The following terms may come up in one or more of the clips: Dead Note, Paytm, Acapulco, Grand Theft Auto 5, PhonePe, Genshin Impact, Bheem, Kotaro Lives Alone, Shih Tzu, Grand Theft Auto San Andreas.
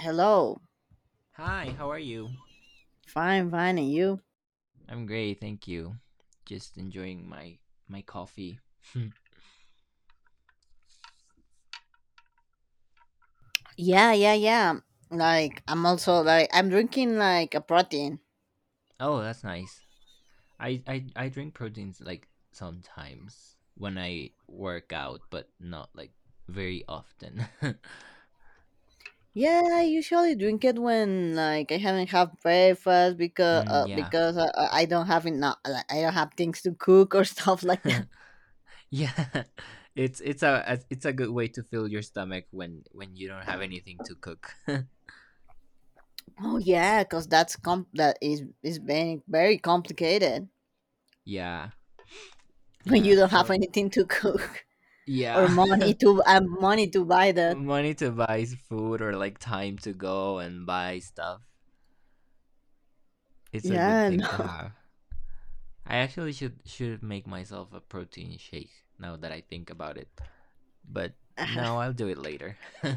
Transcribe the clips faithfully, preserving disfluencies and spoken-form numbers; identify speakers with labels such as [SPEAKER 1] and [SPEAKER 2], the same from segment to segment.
[SPEAKER 1] Hello.
[SPEAKER 2] Hi, how are you?
[SPEAKER 1] Fine, fine. And you?
[SPEAKER 2] I'm great, thank you. Just enjoying my my coffee.
[SPEAKER 1] Yeah, yeah, yeah. Like, I'm also like, I'm drinking like a protein.
[SPEAKER 2] Oh, that's nice. I, I I drink proteins like sometimes when I work out, but not like very often.
[SPEAKER 1] Yeah, I usually drink it when like I haven't had breakfast because
[SPEAKER 2] mm,
[SPEAKER 1] uh,
[SPEAKER 2] Yeah.
[SPEAKER 1] because uh, uh, I don't have enough like, I don't have things to cook or stuff like that.
[SPEAKER 2] Yeah. It's it's a a- it's a good way to fill your stomach when when you don't have anything to cook.
[SPEAKER 1] Oh yeah, because that's com that is is very very complicated
[SPEAKER 2] Yeah.
[SPEAKER 1] when you
[SPEAKER 2] Yeah,
[SPEAKER 1] don't have
[SPEAKER 2] so
[SPEAKER 1] anything to cook or
[SPEAKER 2] yeah.
[SPEAKER 1] money to and money to buy that.
[SPEAKER 2] Money to buy food or like time to go and buy stuff. It's a good
[SPEAKER 1] Yeah,
[SPEAKER 2] thing
[SPEAKER 1] no.
[SPEAKER 2] to have. I actually should should make myself a protein shake now that I think about it. But no, I'll do it later.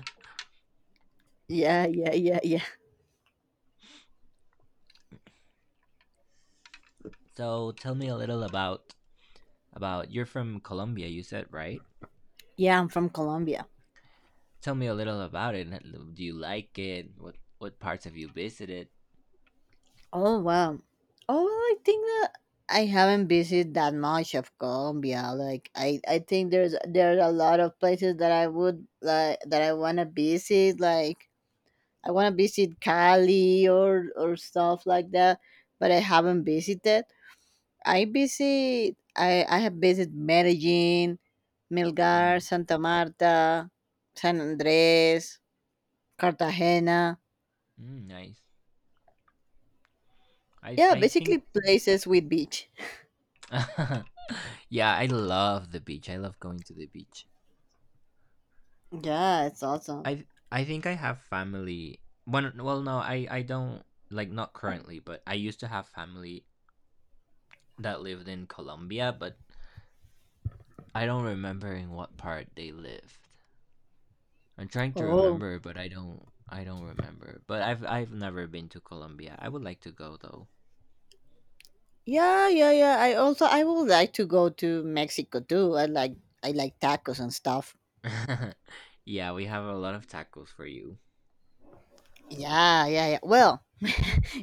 [SPEAKER 1] Yeah, yeah, yeah, yeah.
[SPEAKER 2] So tell me a little about about you're from Colombia, you said, right?
[SPEAKER 1] Yeah, I'm from Colombia.
[SPEAKER 2] Tell me a little about it. Do you like it? What what parts have you visited?
[SPEAKER 1] Oh wow. Oh well, I think that I haven't visited that much of Colombia. Like I, I think there's there's a lot of places that I would like that I wanna visit. Like I wanna visit Cali or or stuff like that, but I haven't visited. I visit I, I have visited Medellin, Melgar,
[SPEAKER 2] Mm.
[SPEAKER 1] Santa Marta, San Andres, Cartagena.
[SPEAKER 2] Mm, nice. I
[SPEAKER 1] Yeah,
[SPEAKER 2] I
[SPEAKER 1] basically
[SPEAKER 2] think
[SPEAKER 1] places with beach.
[SPEAKER 2] yeah, I love the beach. I love going to the beach.
[SPEAKER 1] Yeah, it's awesome.
[SPEAKER 2] I th- I think I have family. Well, well, no, I I don't like not currently, but I used to have family that lived in Colombia, but I don't remember in what part they lived. I'm trying to
[SPEAKER 1] Oh,
[SPEAKER 2] remember, but I don't I don't remember. But I've I've never been to Colombia. I would like to go though.
[SPEAKER 1] yeah, yeah, yeah. I also I would like to go to Mexico too. I like I like tacos and stuff.
[SPEAKER 2] Yeah, we have a lot of tacos for you.
[SPEAKER 1] Yeah, yeah, yeah. Well,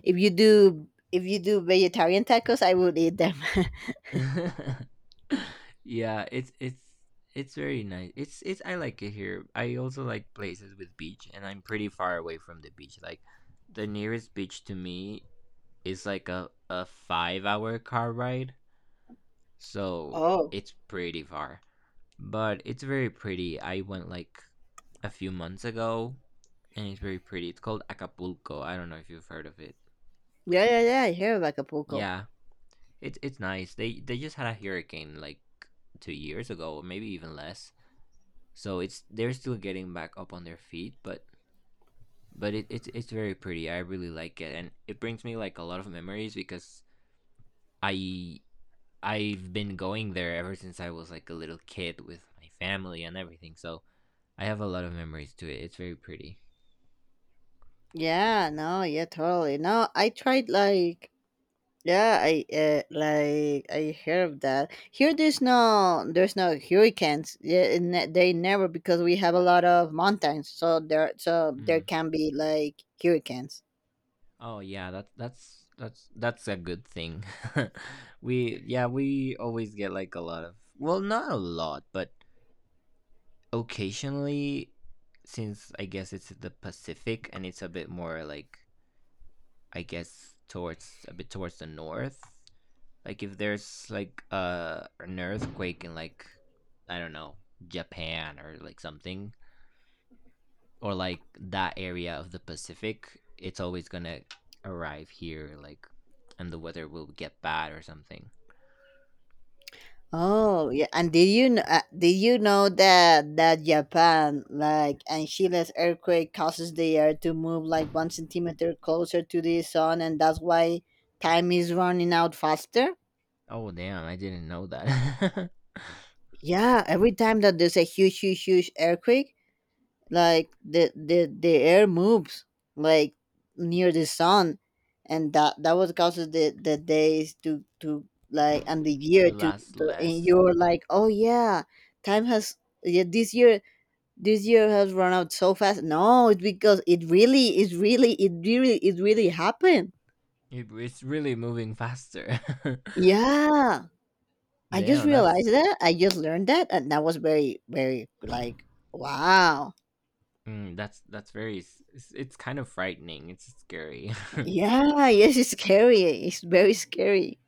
[SPEAKER 1] if you do if you do vegetarian tacos, I would eat them.
[SPEAKER 2] Yeah, it's it's it's very nice. It's it's I like it here. I also like places with beach, and I'm pretty far away from the beach. Like the nearest beach to me is like a a five hour car ride, so
[SPEAKER 1] Oh,
[SPEAKER 2] it's pretty far. But it's very pretty. I went like a few months ago, and it's very pretty. It's called Acapulco. I don't know if you've heard of it.
[SPEAKER 1] yeah, yeah, yeah. I hear of Acapulco.
[SPEAKER 2] Yeah, it's it's nice. They they just had a hurricane like two years ago, maybe even less. So it's they're still getting back up on their feet, but but it, it's it's very pretty. I really like it, and it brings me like a lot of memories because I I've been going there ever since I was like a little kid with my family and everything. So I have a lot of memories to it. It's very pretty.
[SPEAKER 1] Yeah, no, yeah, totally. No, I tried like yeah, I uh, like I hear of that. Here, there's no there's no hurricanes. Yeah, and ne- they never, because we have a lot of mountains, so there so there
[SPEAKER 2] Mm.
[SPEAKER 1] can be like hurricanes.
[SPEAKER 2] Oh yeah, that's that's that's that's a good thing. We yeah we always get like a lot of well not a lot but occasionally since I guess it's the Pacific and it's a bit more like I guess towards a bit towards the north. Like if there's like uh, an earthquake in like I don't know Japan or like something or like that area of the Pacific, it's always gonna arrive here like and the weather will get bad or something.
[SPEAKER 1] Oh yeah, and did you kn- uh, did you know that that Japan like and Chile's earthquake causes the Earth to move like one centimeter closer to the sun, and that's why time is running out faster?
[SPEAKER 2] Oh damn, I didn't know that.
[SPEAKER 1] Yeah, every time that there's a huge, huge, huge earthquake, like the the the air moves like near the sun, and that that was causes the the days to to like and the year
[SPEAKER 2] To
[SPEAKER 1] to,
[SPEAKER 2] last
[SPEAKER 1] to and
[SPEAKER 2] less.
[SPEAKER 1] you're like, oh yeah, time has yeah this year this year has run out so fast. No, it's because it really, it really, it really, it really happened.
[SPEAKER 2] It, it's really moving faster.
[SPEAKER 1] Yeah, I just
[SPEAKER 2] Damn,
[SPEAKER 1] realized
[SPEAKER 2] that's
[SPEAKER 1] that. I just learned that, and that was very, very like wow.
[SPEAKER 2] mm, that's that's very. It's, it's kind of frightening. It's scary.
[SPEAKER 1] Yeah, yes, it's scary. It's very scary.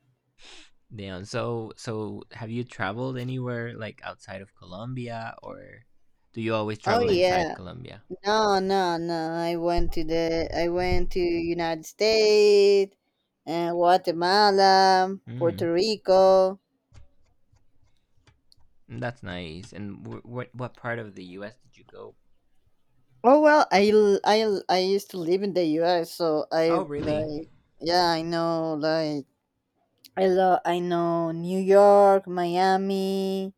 [SPEAKER 2] Damn. So, so have you traveled anywhere like outside of Colombia, or do you always
[SPEAKER 1] Oh
[SPEAKER 2] travel inside
[SPEAKER 1] yeah,
[SPEAKER 2] Colombia?
[SPEAKER 1] no, no, no. I went to the, I went to United States, and Guatemala, Puerto
[SPEAKER 2] Mm,
[SPEAKER 1] Rico.
[SPEAKER 2] that's nice. And wh- what what part of the U S did you go?
[SPEAKER 1] Oh well, I l- I l- I used to live in the U S, so I
[SPEAKER 2] Oh, really?
[SPEAKER 1] like yeah, I know like I love I know New York, Miami,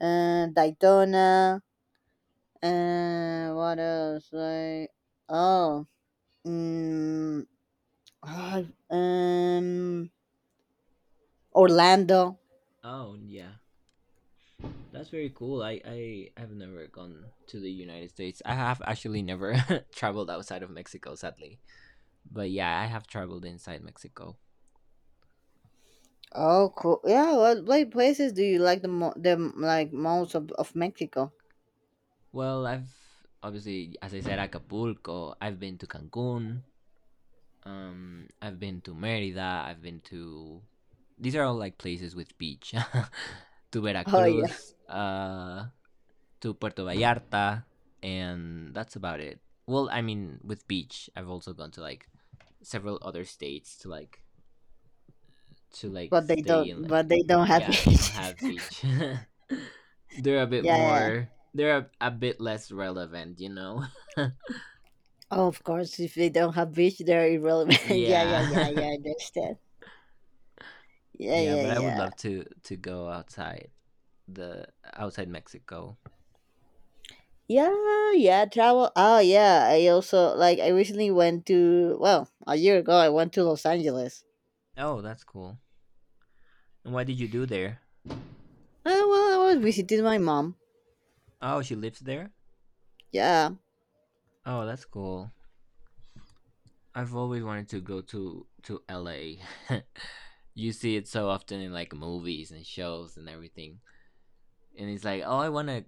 [SPEAKER 1] uh, Daytona, and what else? Like oh, mm, ah, um, Orlando.
[SPEAKER 2] Oh, yeah. That's very cool. I I have never gone to the United States. I have actually never traveled outside of Mexico, sadly. But yeah, I have traveled inside Mexico.
[SPEAKER 1] Oh, cool. Yeah, what what places do you like the mo- the m- like most of of Mexico?
[SPEAKER 2] Well, I've obviously, as I said, Acapulco. I've been to Cancun. Um, I've been to Merida. I've been to. These are all like places with beach. To
[SPEAKER 1] Oh yeah,
[SPEAKER 2] Veracruz, uh, to Puerto Vallarta, and that's about it. Well, I mean, with beach, I've also gone to like several other states to like to like
[SPEAKER 1] but they don't
[SPEAKER 2] stay in.
[SPEAKER 1] but
[SPEAKER 2] Like,
[SPEAKER 1] they don't have
[SPEAKER 2] yeah, they don't
[SPEAKER 1] beaches.
[SPEAKER 2] have beach. They're a bit
[SPEAKER 1] yeah.
[SPEAKER 2] more. They're a, a bit less relevant, you know.
[SPEAKER 1] Oh, of course, if they don't have beach, they're irrelevant. yeah, yeah, yeah,
[SPEAKER 2] Yeah,
[SPEAKER 1] yeah. I understand. Yeah,
[SPEAKER 2] yeah,
[SPEAKER 1] yeah,
[SPEAKER 2] but I would
[SPEAKER 1] yeah.
[SPEAKER 2] love to to go outside. The outside Mexico.
[SPEAKER 1] Yeah, yeah. Travel. Oh, yeah. I also like. I recently went to. Well, a year ago, I went to Los Angeles.
[SPEAKER 2] Oh, that's cool. And what did you do there?
[SPEAKER 1] Oh well, I was visiting my mom.
[SPEAKER 2] Oh, she lives there.
[SPEAKER 1] Yeah,
[SPEAKER 2] Oh, that's cool. I've always wanted to go to to L A. You see it so often in like movies and shows and everything. And it's like, "Oh, I want to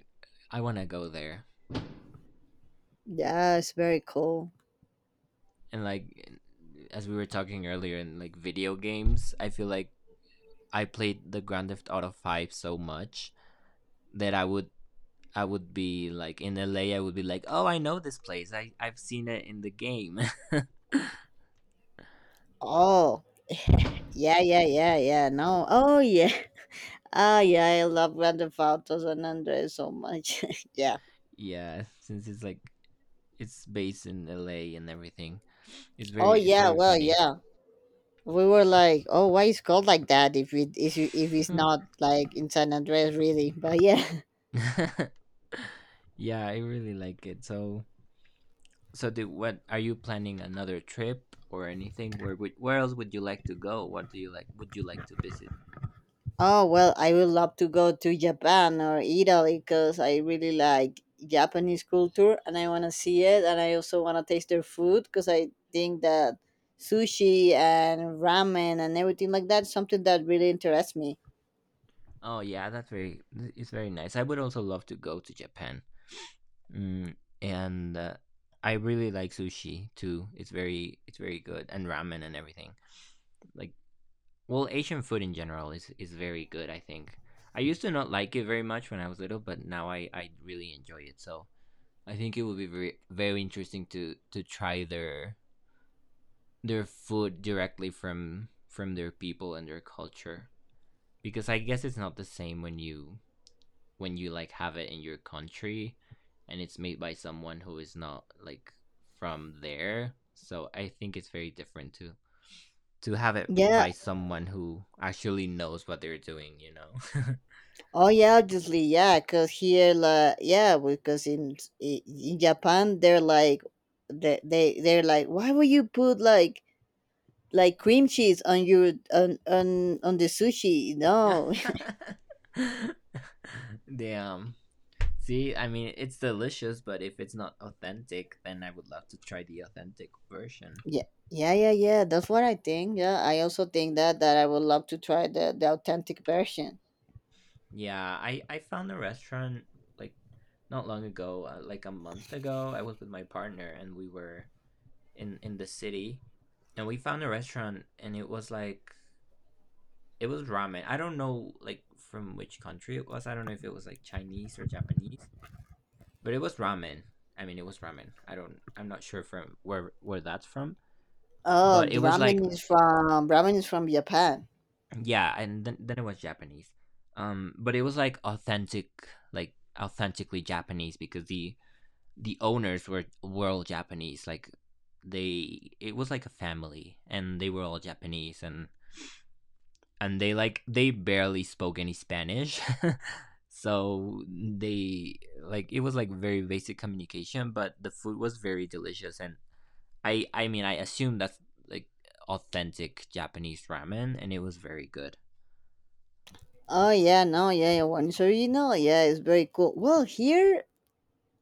[SPEAKER 2] I want to go there."
[SPEAKER 1] yeah. It's very cool.
[SPEAKER 2] And like as we were talking earlier in like video games, I feel like I played the Grand Theft Auto five so much that I would I would be like in L. A. I would be like, "Oh, I know this place. I I've seen it in the game."
[SPEAKER 1] Oh, yeah, yeah, yeah, yeah. No. Oh, yeah. Ah, yeah. I love Grand Theft Auto San Andreas so much. yeah.
[SPEAKER 2] Yeah, since it's like it's based in L A and everything. It's
[SPEAKER 1] Oh,
[SPEAKER 2] very it's
[SPEAKER 1] yeah.
[SPEAKER 2] very
[SPEAKER 1] Well,
[SPEAKER 2] funny.
[SPEAKER 1] yeah. We were like, "Oh, why is called like that? If it is, if it's
[SPEAKER 2] Hmm.
[SPEAKER 1] not like in San Andreas, really." But yeah.
[SPEAKER 2] Yeah, I really like it. So so do what are you planning another trip or anything? Where would where else would you like to go? What do you like would you like to visit?
[SPEAKER 1] Oh well, I would love to go to Japan or Italy because I really like Japanese culture and I want to see it, and I also want to taste their food because I think that sushi and ramen and everything like that is something that really interests me.
[SPEAKER 2] Oh yeah, that's very it's very nice. I would also love to go to Japan. Mm, and uh, I really like sushi too. It's very it's very good and ramen and everything. Like well, Asian food in general is is very good. I think I used to not like it very much when I was little, but now I I really enjoy it. So I think it would be very very interesting to to try their their food directly from from their people and their culture because I guess it's not the same when you when you like have it in your country and it's made by someone who is not like from there. So I think it's very different to to have it
[SPEAKER 1] Yeah,
[SPEAKER 2] by someone who actually knows what they're doing, you know.
[SPEAKER 1] oh yeah, obviously, yeah, because here, like, yeah, because in i- in Japan, they're like, they they they're like, why would you put like like cream cheese on your on on on the sushi? No,
[SPEAKER 2] Damn. See, I mean, it's delicious, but if it's not authentic, then I would love to try the authentic version.
[SPEAKER 1] yeah, yeah, yeah, yeah. That's what I think. Yeah, I also think that that I would love to try the the authentic version.
[SPEAKER 2] Yeah, I I found a restaurant like not long ago, uh, like a month ago. I was with my partner and we were in in the city and we found a restaurant and it was like it was ramen. I don't know like from which country it was. I don't know if it was like Chinese or Japanese, but it was ramen. I mean, it was ramen. I don't. I'm not sure from where where that's from,
[SPEAKER 1] Oh,
[SPEAKER 2] but it
[SPEAKER 1] the
[SPEAKER 2] was like
[SPEAKER 1] ramen is from ramen is from Japan.
[SPEAKER 2] yeah, and then then it was Japanese. Um, but it was like authentic, like authentically Japanese because the the owners were were all Japanese. Like they, it was like a family, and they were all Japanese, and and they like they barely spoke any Spanish. So they like it was like very basic communication, but the food was very delicious and I I mean I assume that's like authentic Japanese ramen and it was very good.
[SPEAKER 1] Oh yeah, no, yeah, yeah. One original, yeah, it's very cool. Well, here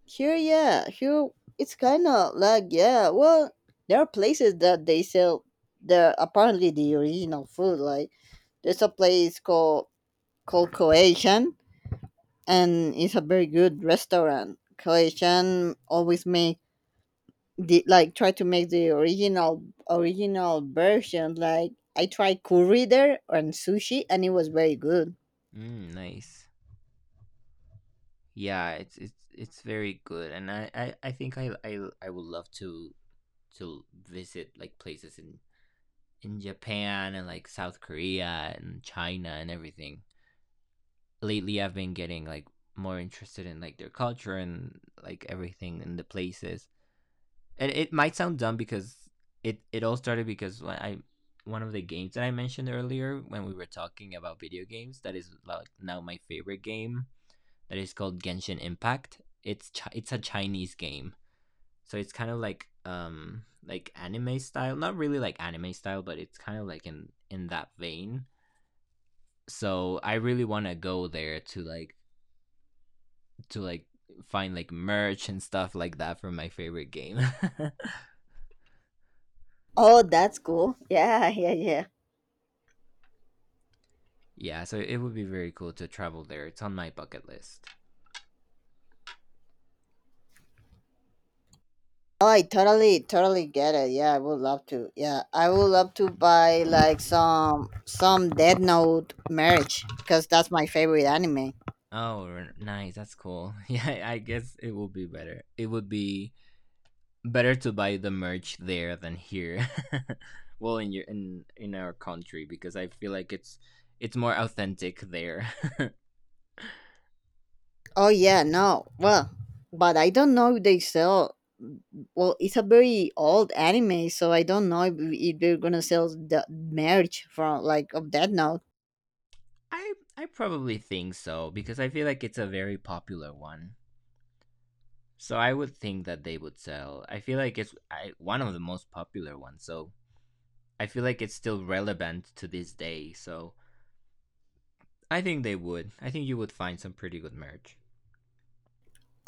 [SPEAKER 1] Here, yeah, here it's kind of like yeah. Well, there are places that they sell the apparently the original food. Like there's a place called called Croatian, and it's a very good restaurant. Croatian always make the like try to make the original original version. Like I tried curry there and sushi, and it was very good.
[SPEAKER 2] Mm, nice. Yeah, it's it's it's very good and I I, I think I, I I would love to to visit like places in in Japan and like South Korea and China and everything. Lately I've been getting like more interested in like their culture and like everything in the places. And it might sound dumb because it it all started because when I one of the games that I mentioned earlier when we were talking about video games that is like now my favorite game that is called Genshin Impact. It's chi- it's a Chinese game. So it's kind of like um like anime style, not really like anime style, but it's kind of like in in that vein. So I really want to go there to like to like find like merch and stuff like that for my favorite game.
[SPEAKER 1] Oh, that's cool. Yeah, yeah, yeah.
[SPEAKER 2] Yeah, so it would be very cool to travel there. It's on my bucket list.
[SPEAKER 1] Oh, I totally, totally get it. Yeah, I would love to. Yeah, I would love to buy like some some Dead Note merch because that's my favorite anime.
[SPEAKER 2] Oh, nice. That's cool. Yeah, I guess it will be better. It would be better to buy the merch there than here. Well, in your in in our country because I feel like it's it's more authentic there.
[SPEAKER 1] Oh yeah, no, well, but I don't know if they sell. Well, it's a very old anime, so I don't know if, if they're gonna sell the merch from like of Dead Note.
[SPEAKER 2] I I probably think so because I feel like it's a very popular one. So I would think that they would sell. I feel like it's I, one of the most popular ones. So I feel like it's still relevant to this day. So I think they would. I think you would find some pretty good merch.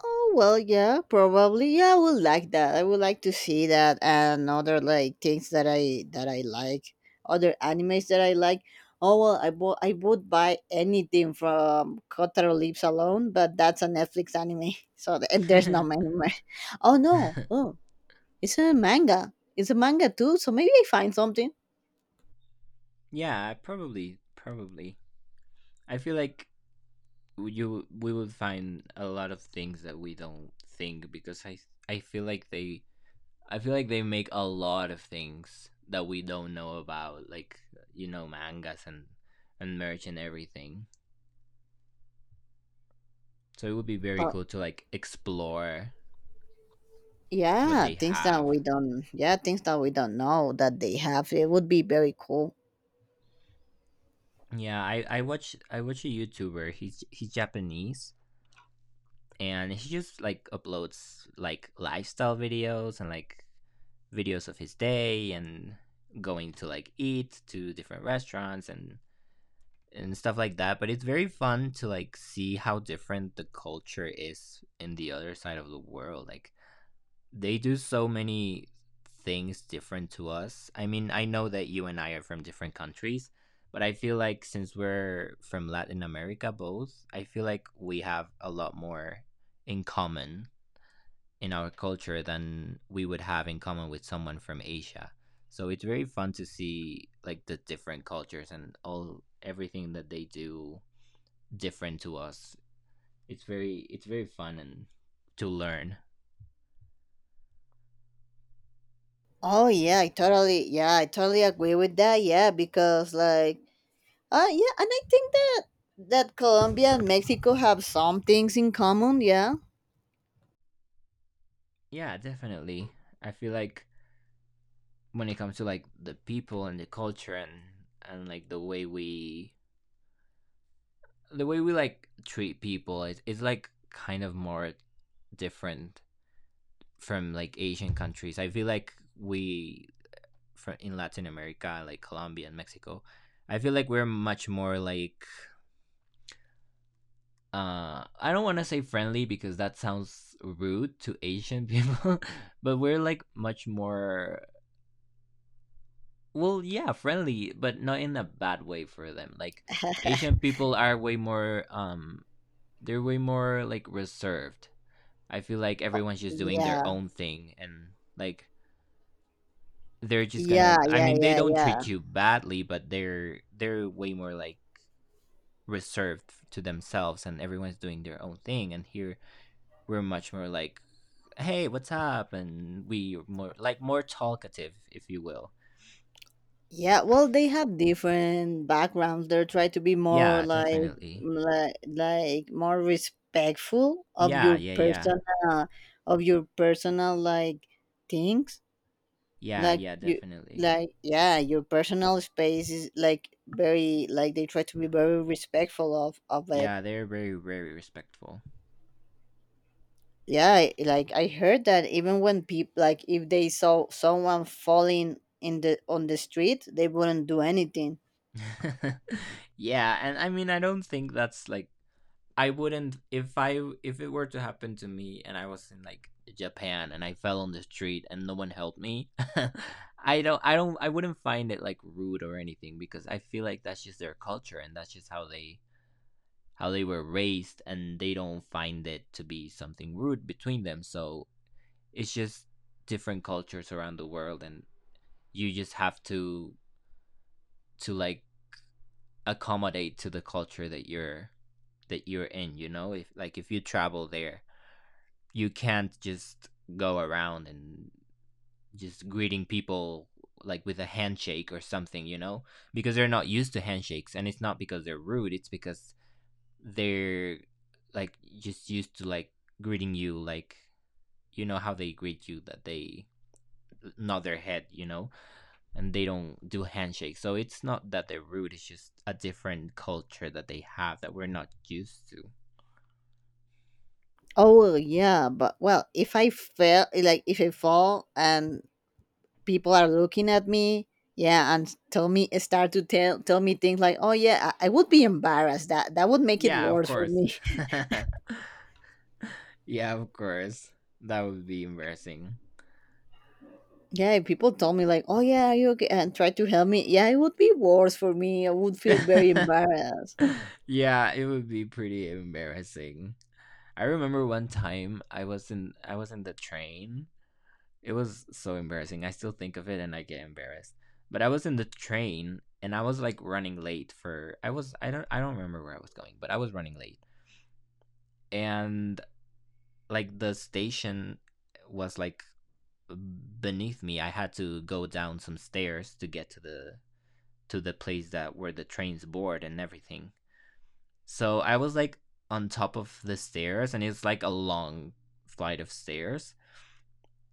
[SPEAKER 1] Oh well, yeah, probably. Yeah, I would like that. I would like to see that and other like things that I that I like, other animes that I like. Oh well, I bought I would buy anything from Kotaro Lives Alone, but that's a Netflix anime, so th- and there's no anime. Oh no, oh, it's a manga. It's a manga too, so maybe I find something.
[SPEAKER 2] Yeah, probably, probably. I feel like you we would find a lot of things that we don't think because I I feel like they I feel like they make a lot of things that we don't know about, like you know mangas and and merch and everything. So it would be very
[SPEAKER 1] Uh,
[SPEAKER 2] cool to like explore what
[SPEAKER 1] yeah,
[SPEAKER 2] they
[SPEAKER 1] things that
[SPEAKER 2] have.
[SPEAKER 1] we don't. Yeah, things that we don't know that they have. It would be very cool.
[SPEAKER 2] Yeah, I I watch I watch a YouTuber. He's he's Japanese and he just like uploads like lifestyle videos and like videos of his day and going to like eat to different restaurants and and stuff like that but it's very fun to like see how different the culture is in the other side of the world like they do so many things different to us. I mean, I know that you and I are from different countries, but I feel like since we're from Latin America both, I feel like we have a lot more in common in our culture than we would have in common with someone from Asia. So it's very fun to see like the different cultures and all everything that they do different to us. It's very it's very fun and to learn.
[SPEAKER 1] Oh yeah, I totally yeah, I totally agree with that. Yeah, because like uh yeah, and I think that that Colombia and Mexico have some things in common, yeah.
[SPEAKER 2] Yeah, definitely. I feel like when it comes to like the people and the culture and and like the way we the way we like treat people it's it's like kind of more different from like Asian countries. I feel like we from in Latin America, like Colombia and Mexico, I feel like we're much more like uh I don't want to say friendly because that sounds rude to Asian people, but we're like much more, well, yeah, friendly, but not in a bad way for them. Like Asian people are way more um they're way more like reserved. I feel like everyone's just doing their
[SPEAKER 1] Yeah.
[SPEAKER 2] own thing, and like they're just
[SPEAKER 1] Yeah,
[SPEAKER 2] gonna, I
[SPEAKER 1] yeah,
[SPEAKER 2] mean, they
[SPEAKER 1] yeah,
[SPEAKER 2] don't
[SPEAKER 1] yeah.
[SPEAKER 2] treat you badly, but they're they're way more like reserved to themselves, and everyone's doing their own thing, and here we're much more like, hey, what's up, and we more like more talkative if you will.
[SPEAKER 1] Yeah, well they have different backgrounds. They try to be more
[SPEAKER 2] Yeah,
[SPEAKER 1] like
[SPEAKER 2] definitely.
[SPEAKER 1] like, like more respectful of
[SPEAKER 2] Yeah,
[SPEAKER 1] your
[SPEAKER 2] yeah, yeah.
[SPEAKER 1] personal of your personal like things
[SPEAKER 2] Yeah,
[SPEAKER 1] like
[SPEAKER 2] yeah,
[SPEAKER 1] you
[SPEAKER 2] definitely.
[SPEAKER 1] like yeah your personal space is like very like they try to be very respectful of of it.
[SPEAKER 2] Yeah, they're very, very respectful.
[SPEAKER 1] Yeah, I- like I heard that even when people like if they saw someone falling in the on the street they wouldn't do anything.
[SPEAKER 2] Yeah, and I mean, I don't think that's like, I wouldn't if I if it were to happen to me and I was in like Japan and I fell on the street and no one helped me. I don't I don't I wouldn't find it like rude or anything because I feel like that's just their culture, and that's just how they how they were raised, and they don't find it to be something rude between them. So it's just different cultures around the world, and you just have to to like accommodate to the culture that you're that you're in you know If like if you travel there, you can't just go around and just greeting people like with a handshake or something you know because they're not used to handshakes, and it's not because they're rude, it's because they're like just used to like greeting you like, you know, how they greet you, that they nod their head you know And they don't do handshakes. So it's not that they're rude, it's just a different culture that they have that we're not used to.
[SPEAKER 1] Oh well, yeah, but well if i fell like if I fall and people are looking at me, yeah, and tell me start to tell tell me things like, oh yeah, i, I would be embarrassed. That that would make it
[SPEAKER 2] Yeah, of
[SPEAKER 1] worse for
[SPEAKER 2] course.
[SPEAKER 1] me.
[SPEAKER 2] Yeah, of course. That would be embarrassing.
[SPEAKER 1] Yeah, if people told me like, "Oh yeah, are you okay?" and try to help me, yeah, it would be worse for me. I would feel very embarrassed.
[SPEAKER 2] Yeah, it would be pretty embarrassing. I remember one time I was in I was in the train. It was so embarrassing. I still think of it and I get embarrassed. But I was in the train and I was like running late for I was I don't I don't remember where I was going, but I was running late. And like the station was like beneath me. I had to go down some stairs to get to the to the place that where the trains board and everything. So I was like on top of the stairs, and it's like a long flight of stairs,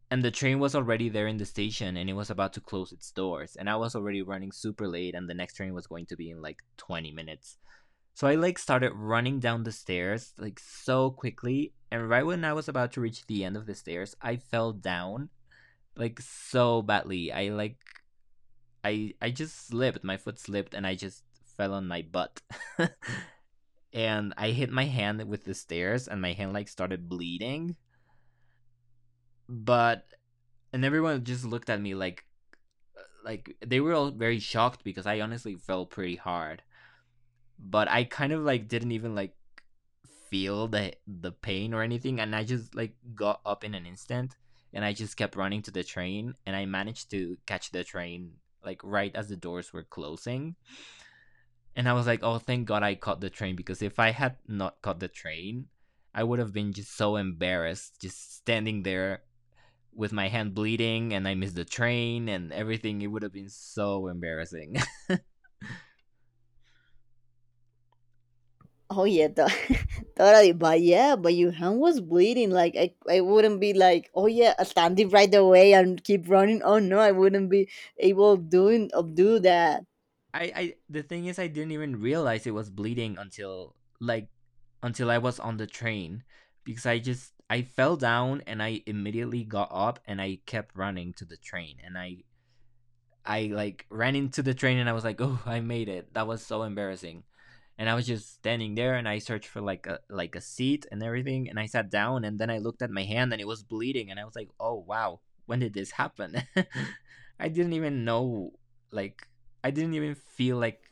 [SPEAKER 2] and the train was already there in the station and it was about to close its doors, and I was already running super late, and the next train was going to be in like twenty minutes, so I like started running down the stairs like so quickly. And right when I was about to reach the end of the stairs, I fell down like so badly. I like I I just slipped, my foot slipped and I just fell on my butt. And I hit my hand with the stairs and my hand like started bleeding. But and everyone just looked at me like like they were all very shocked because I honestly fell pretty hard. But I kind of like didn't even like feel the the pain or anything, and I just like got up in an instant, and I just kept running to the train, and I managed to catch the train like right as the doors were closing, and I was like, oh, thank god I caught the train, because if I had not caught the train, I would have been just so embarrassed just standing there with my hand bleeding and I missed the train and everything, it would have been so embarrassing.
[SPEAKER 1] Oh yeah, to- totally. But yeah, but your hand was bleeding. Like I, I wouldn't be like, "Oh yeah, I stand it right away and keep running." Oh no, I wouldn't be able doing of do that.
[SPEAKER 2] I, I the thing is I didn't even realize it was bleeding until like until I was on the train because I just I fell down and I immediately got up and I kept running to the train, and I I like ran into the train and I was like, oh, I made it, that was so embarrassing. And I was just standing there and I searched for like a like a seat and everything, and I sat down and then I looked at my hand and it was bleeding, and I was like, oh wow, when did this happen? I didn't even know, like I didn't even feel like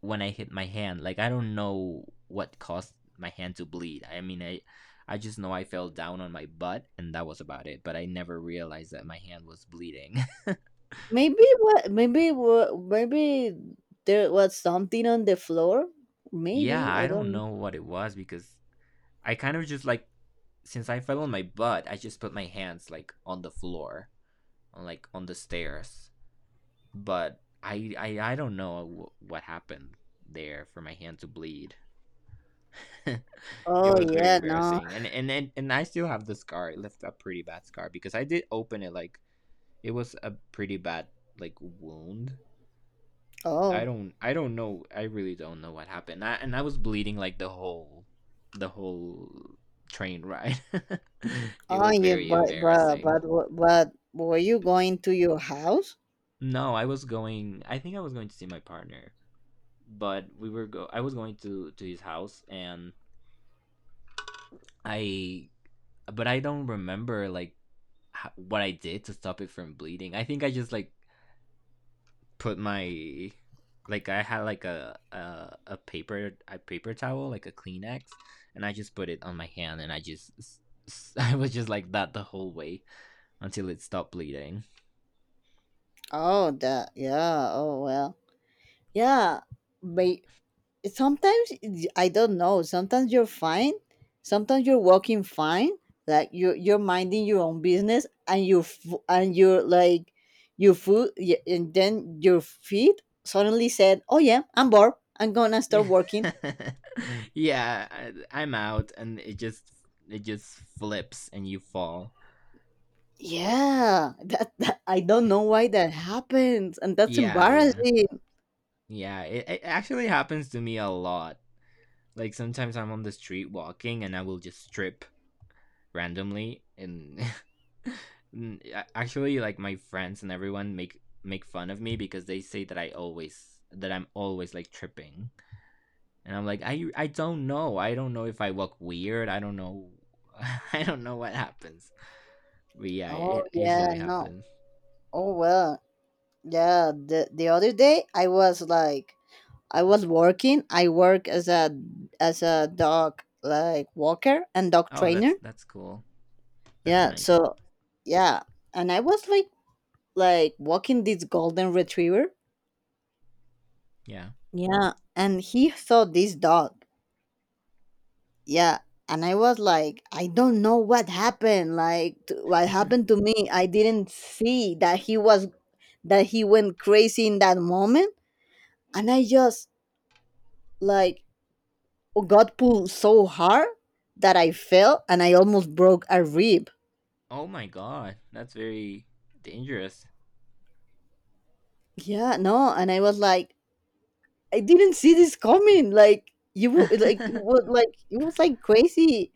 [SPEAKER 2] when I hit my hand. Like I don't know what caused my hand to bleed. I mean, I I just know I fell down on my butt and that was about it, but I never realized that my hand was bleeding.
[SPEAKER 1] Maybe what? Maybe what? Maybe there was something on the floor.
[SPEAKER 2] Yeah,
[SPEAKER 1] Maybe I
[SPEAKER 2] I don't
[SPEAKER 1] don't.
[SPEAKER 2] know what it was, because I kind of just like, since I fell on my butt, I just put my hands like on the floor, like on the stairs. But I I I don't know what happened there for my hand to bleed. It
[SPEAKER 1] Oh
[SPEAKER 2] was very
[SPEAKER 1] yeah, no.
[SPEAKER 2] embarrassing, and and and, and I still have the scar. It left a pretty bad scar because I did open it. Like it was a pretty bad like wound. I
[SPEAKER 1] Oh.
[SPEAKER 2] don't I don't know. I really don't know what happened. I, and I was bleeding like the whole the whole train ride. It
[SPEAKER 1] Oh,
[SPEAKER 2] was
[SPEAKER 1] you
[SPEAKER 2] very
[SPEAKER 1] but but
[SPEAKER 2] embarrassing.
[SPEAKER 1] but w- but were you going to your house?
[SPEAKER 2] No, I was going. I think I was going to see my partner, but we were go. I was going to to his house, and I. But I don't remember like what I did to stop it from bleeding. I think I just like put my like I had like a a, a paper a paper towel like a Kleenex, and I just put it on my hand, and I just I was just like that the whole way until it stopped bleeding.
[SPEAKER 1] Oh, that yeah. Oh well, yeah. But sometimes it- I don't know. Sometimes you're fine. Sometimes you're walking fine. Like you you're minding your own business, and you and you're like your food, y- and then your feet suddenly said, "Oh yeah, I'm bored. I'm gonna start
[SPEAKER 2] Yeah,
[SPEAKER 1] working."
[SPEAKER 2] yeah, I, I'm out, and it just it just flips, and you fall.
[SPEAKER 1] Yeah, that, that I don't know why that happens, and that's
[SPEAKER 2] Yeah, yeah,
[SPEAKER 1] embarrassing.
[SPEAKER 2] yeah. It, it actually happens to me a lot. Like sometimes I'm on the street walking, and I will just trip randomly and actually like my friends and everyone make make fun of me because they say that I always that I'm always like tripping. And I'm like, I I don't know. I don't know if I look weird. I don't know. I don't know what happens. But yeah,
[SPEAKER 1] Oh
[SPEAKER 2] it
[SPEAKER 1] yeah,
[SPEAKER 2] usually
[SPEAKER 1] no.
[SPEAKER 2] happens.
[SPEAKER 1] Oh well, yeah. The the other day I was like, I was working. I work as a as a dog like walker and dog
[SPEAKER 2] Oh,
[SPEAKER 1] trainer.
[SPEAKER 2] that's that's cool. That's
[SPEAKER 1] Yeah.
[SPEAKER 2] nice.
[SPEAKER 1] So yeah, and I was like like walking this golden retriever.
[SPEAKER 2] Yeah.
[SPEAKER 1] Yeah, and he saw this dog. Yeah, and I was like, I don't know what happened. Like t- what happened to me? I didn't see that he was that he went crazy in that moment, and I just like, oh, God pulled so hard that I fell and I almost broke a rib.
[SPEAKER 2] Oh my god. That's very dangerous.
[SPEAKER 1] Yeah, no, and I was like, I didn't see this coming. Like you would, like it was like it was like crazy.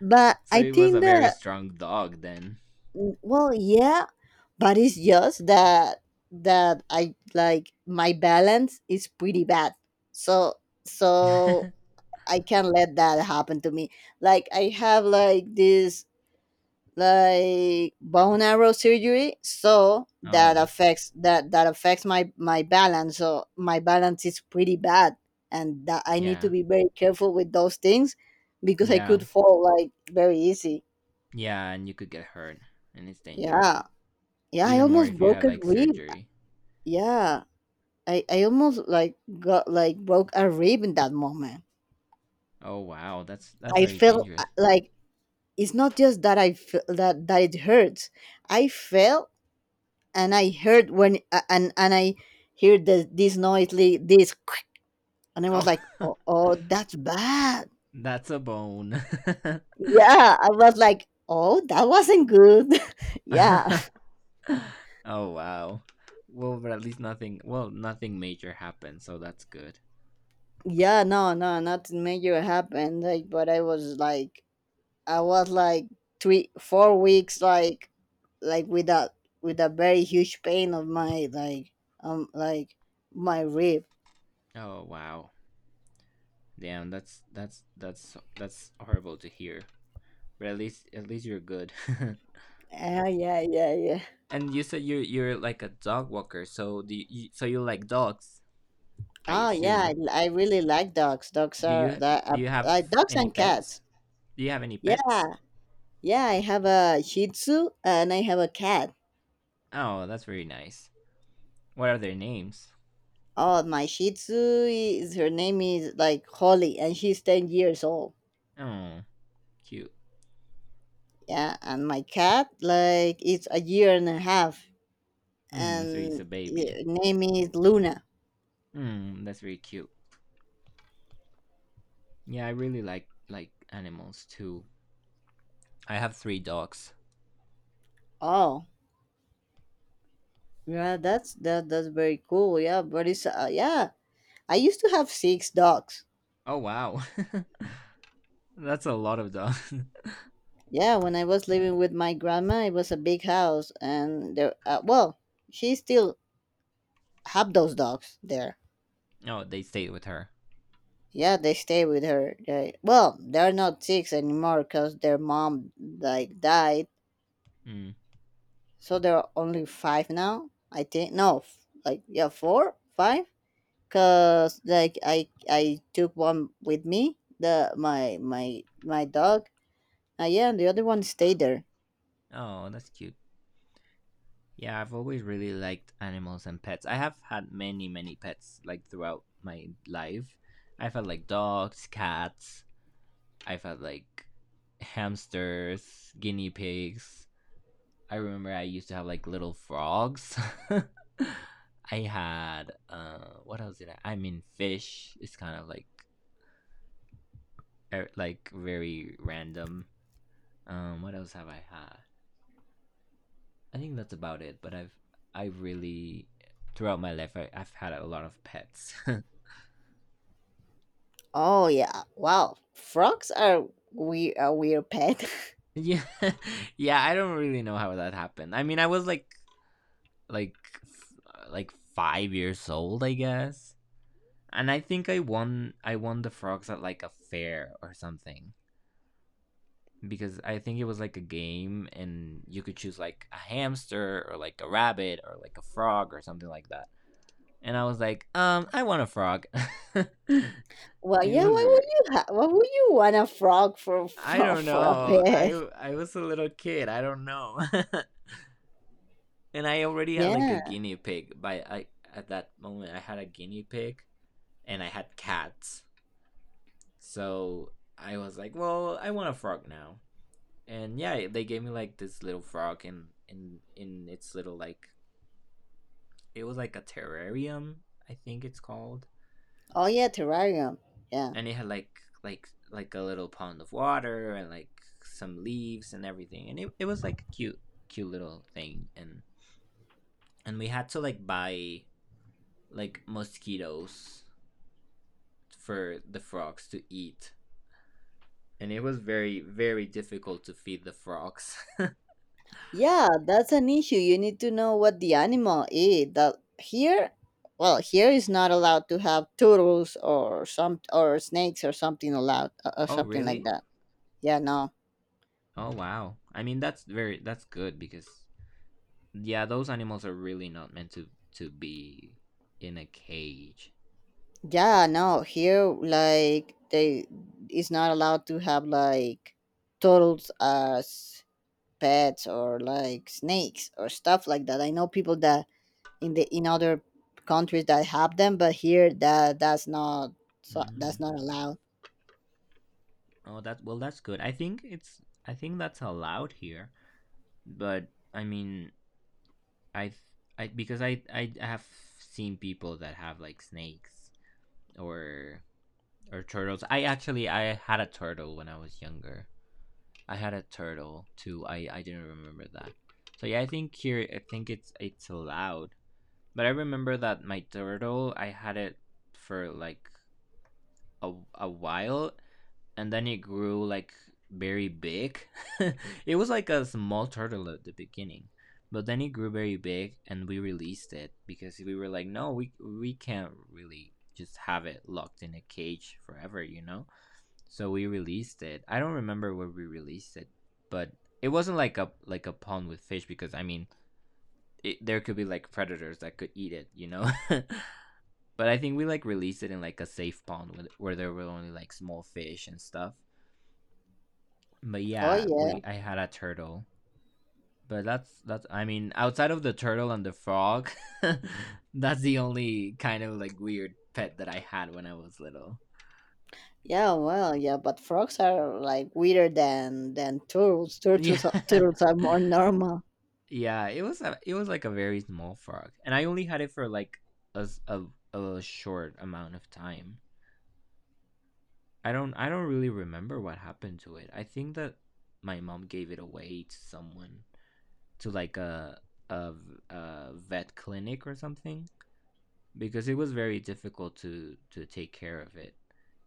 [SPEAKER 1] But
[SPEAKER 2] So
[SPEAKER 1] I
[SPEAKER 2] it was a
[SPEAKER 1] think
[SPEAKER 2] very
[SPEAKER 1] that
[SPEAKER 2] strong dog then.
[SPEAKER 1] well, yeah, but it's just that that I like my balance is pretty bad. So so I can't let that happen to me. Like I have like this like bone arrow surgery, so that
[SPEAKER 2] Oh,
[SPEAKER 1] affects that that affects my my balance, so my balance is pretty bad, and that I need to
[SPEAKER 2] yeah.
[SPEAKER 1] be very careful with those things because I
[SPEAKER 2] Yeah.
[SPEAKER 1] could fall like very easy.
[SPEAKER 2] Yeah, and you could get hurt, and it's
[SPEAKER 1] Yeah,
[SPEAKER 2] dangerous.
[SPEAKER 1] yeah, I
[SPEAKER 2] Even more
[SPEAKER 1] almost
[SPEAKER 2] if you
[SPEAKER 1] broke
[SPEAKER 2] had
[SPEAKER 1] a
[SPEAKER 2] like
[SPEAKER 1] rib.
[SPEAKER 2] surgery.
[SPEAKER 1] Yeah, i i almost like got like broke a rib in that moment.
[SPEAKER 2] Oh wow, that's that's
[SPEAKER 1] I
[SPEAKER 2] very
[SPEAKER 1] felt uh,
[SPEAKER 2] dangerous.
[SPEAKER 1] like it's not just that I feel that that it hurts. I felt and I heard when a- and and I heard the, this noisily this, quick, and I was
[SPEAKER 2] Oh,
[SPEAKER 1] like, oh, oh, that's bad.
[SPEAKER 2] that's a bone.
[SPEAKER 1] Yeah, I was like, oh, that wasn't good. yeah,
[SPEAKER 2] Oh wow. Well, but at least nothing. Well, nothing major happened, so that's good.
[SPEAKER 1] yeah, no, no, nothing major happened. Like, but I was like, I was like three, four weeks, like, like with a with a very huge pain of my like, um, like my rib.
[SPEAKER 2] Oh wow. Damn, that's that's that's that's horrible to hear. But at least at least you're good.
[SPEAKER 1] Yeah, yeah, yeah, yeah.
[SPEAKER 2] And you said you you're like a dog walker, so do you, so you like dogs? I
[SPEAKER 1] Oh yeah,
[SPEAKER 2] assume.
[SPEAKER 1] I, I really like dogs. Dogs
[SPEAKER 2] Do
[SPEAKER 1] are
[SPEAKER 2] you
[SPEAKER 1] the
[SPEAKER 2] do
[SPEAKER 1] uh,
[SPEAKER 2] you have
[SPEAKER 1] uh, dogs
[SPEAKER 2] any
[SPEAKER 1] and
[SPEAKER 2] pets?
[SPEAKER 1] cats.
[SPEAKER 2] Do you have any
[SPEAKER 1] Yeah,
[SPEAKER 2] pets?
[SPEAKER 1] yeah. I have a Shih Tzu and I have a cat.
[SPEAKER 2] Oh, that's very nice. What are their names?
[SPEAKER 1] Oh, my Shih Tzu is her name is like Holly, and she's ten years old.
[SPEAKER 2] Oh, cute.
[SPEAKER 1] Yeah, and my cat like it's a year and a half,
[SPEAKER 2] Hmm, so he's a
[SPEAKER 1] and
[SPEAKER 2] baby.
[SPEAKER 1] her name is Luna.
[SPEAKER 2] Hmm, that's very cute. Yeah, I really like like animals too. I have three dogs.
[SPEAKER 1] Oh, yeah. That's that. That's very cool. Yeah, but it's uh, yeah. I used to have six dogs.
[SPEAKER 2] Oh wow, that's a lot of dogs.
[SPEAKER 1] Yeah, when I was living with my grandma, it was a big house, and there. Uh, well, she still have those dogs there.
[SPEAKER 2] Oh, they stayed with her.
[SPEAKER 1] Yeah, they stay with her. They, well, they're not six anymore because their mom like died,
[SPEAKER 2] Hmm.
[SPEAKER 1] so there are only five now. I think no, f- like yeah, four, five. Cause like I I took one with me, the my my my dog. Uh, yeah, and the other one stayed there.
[SPEAKER 2] Oh, that's cute. Yeah, I've always really liked animals and pets. I have had many, many pets like throughout my life. I've had like dogs, cats, I've had like hamsters, guinea pigs. I remember I used to have like little frogs. I had uh what else did I I mean, fish. It's kind of like er, like very random. Um what else have I had? I think that's about it, but I've I really throughout my life I, I've had a lot of pets.
[SPEAKER 1] Oh yeah, wow. Frogs are we a weird pet.
[SPEAKER 2] Yeah. Yeah, I don't really know how that happened. I mean, I was like like like five years old, I guess. And I think I won. I won the frogs at like a fair or something, because I think it was like a game, and you could choose like a hamster or like a rabbit or like a frog or something like that. And I was like, um, I want a frog. It
[SPEAKER 1] Well, yeah.
[SPEAKER 2] was
[SPEAKER 1] Why would
[SPEAKER 2] weird.
[SPEAKER 1] you? Ha- why would you want a frog for
[SPEAKER 2] I
[SPEAKER 1] for
[SPEAKER 2] don't
[SPEAKER 1] for a
[SPEAKER 2] know. I
[SPEAKER 1] pet?
[SPEAKER 2] I was a little kid. I don't know. And I already had like a
[SPEAKER 1] Yeah.
[SPEAKER 2] guinea pig. By I at that moment, I had a guinea pig and I had cats. So I was like, well, I want a frog now. And yeah, they gave me like this little frog in in in its little, like, it was like a terrarium, I think it's called.
[SPEAKER 1] Oh yeah, terrarium. Yeah.
[SPEAKER 2] And it had like like like a little pond of water and like some leaves and everything, and it, it was like a cute, cute little thing, and and we had to like buy like mosquitoes for the frogs to eat, and it was very, very difficult to feed the frogs.
[SPEAKER 1] Yeah, that's an issue. You need to know what the animal eat. That here, well, here is not allowed to have turtles or some or snakes or something allowed or or
[SPEAKER 2] Oh
[SPEAKER 1] something like
[SPEAKER 2] really?
[SPEAKER 1] that. Yeah. No.
[SPEAKER 2] Oh wow, I mean that's very that's good, because yeah, those animals are really not meant to to be in a cage.
[SPEAKER 1] Yeah. No. Here, like they is not allowed to have like turtles as pets or like snakes or stuff like that. I know people that in the in other countries that have them, but here that that's not so, that's
[SPEAKER 2] Mm.
[SPEAKER 1] not allowed.
[SPEAKER 2] Oh, that well, that's good. I think it's I think that's allowed here, but I mean, I I because I I have seen people that have like snakes or or turtles. I actually I had a turtle when I was younger. I had a turtle too. I I didn't remember that. So yeah, I think here I think it's it's allowed. But I remember that my turtle I had it for like a, a while and then it grew like very big. It was like a small turtle at the beginning, but then it grew very big, and we released it because we were like, no, we we can't really just have it locked in a cage forever, you know. So we released it. I don't remember where we released it, but it wasn't like a like a pond with fish, because I mean. It, there could be like predators that could eat it, you know. But I think we like released it in like a safe pond with- where there were only like small fish and stuff. But
[SPEAKER 1] Oh
[SPEAKER 2] yeah,
[SPEAKER 1] yeah,
[SPEAKER 2] we I had a turtle. But that's that's I mean outside of the turtle and the frog, that's the only kind of like weird pet that I had when I was little.
[SPEAKER 1] yeah, well, yeah, but frogs are like weirder than than turtles. Turtles are-
[SPEAKER 2] Yeah.
[SPEAKER 1] turtles are more normal.
[SPEAKER 2] Yeah, it was a, it was like a very small frog. And I only had it for like a a a short amount of time. I don't I don't really remember what happened. To it. I think that my mom gave it away to someone, to like a a, a vet clinic or something, because it was very difficult to to take care of it,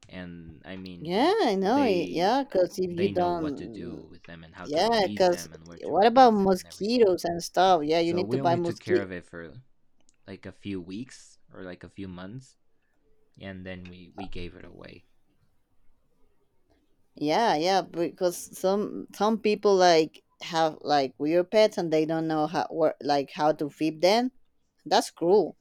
[SPEAKER 2] and I
[SPEAKER 1] Yeah,
[SPEAKER 2] mean
[SPEAKER 1] I know. y-
[SPEAKER 2] they
[SPEAKER 1] Yeah, because if you
[SPEAKER 2] they know what to do
[SPEAKER 1] don't,
[SPEAKER 2] with them and how to
[SPEAKER 1] yeah,
[SPEAKER 2] release
[SPEAKER 1] because
[SPEAKER 2] them and where to
[SPEAKER 1] what about
[SPEAKER 2] release them and everything.
[SPEAKER 1] mosquitoes and stuff? Yeah, you
[SPEAKER 2] So
[SPEAKER 1] need to
[SPEAKER 2] we
[SPEAKER 1] buy
[SPEAKER 2] only took care
[SPEAKER 1] mosquito.
[SPEAKER 2] of it for like a few weeks or like a few months, and then we we gave it away.
[SPEAKER 1] Yeah, yeah, because some some people like have like weird pets and they don't know how where, like how to feed them. That's cruel.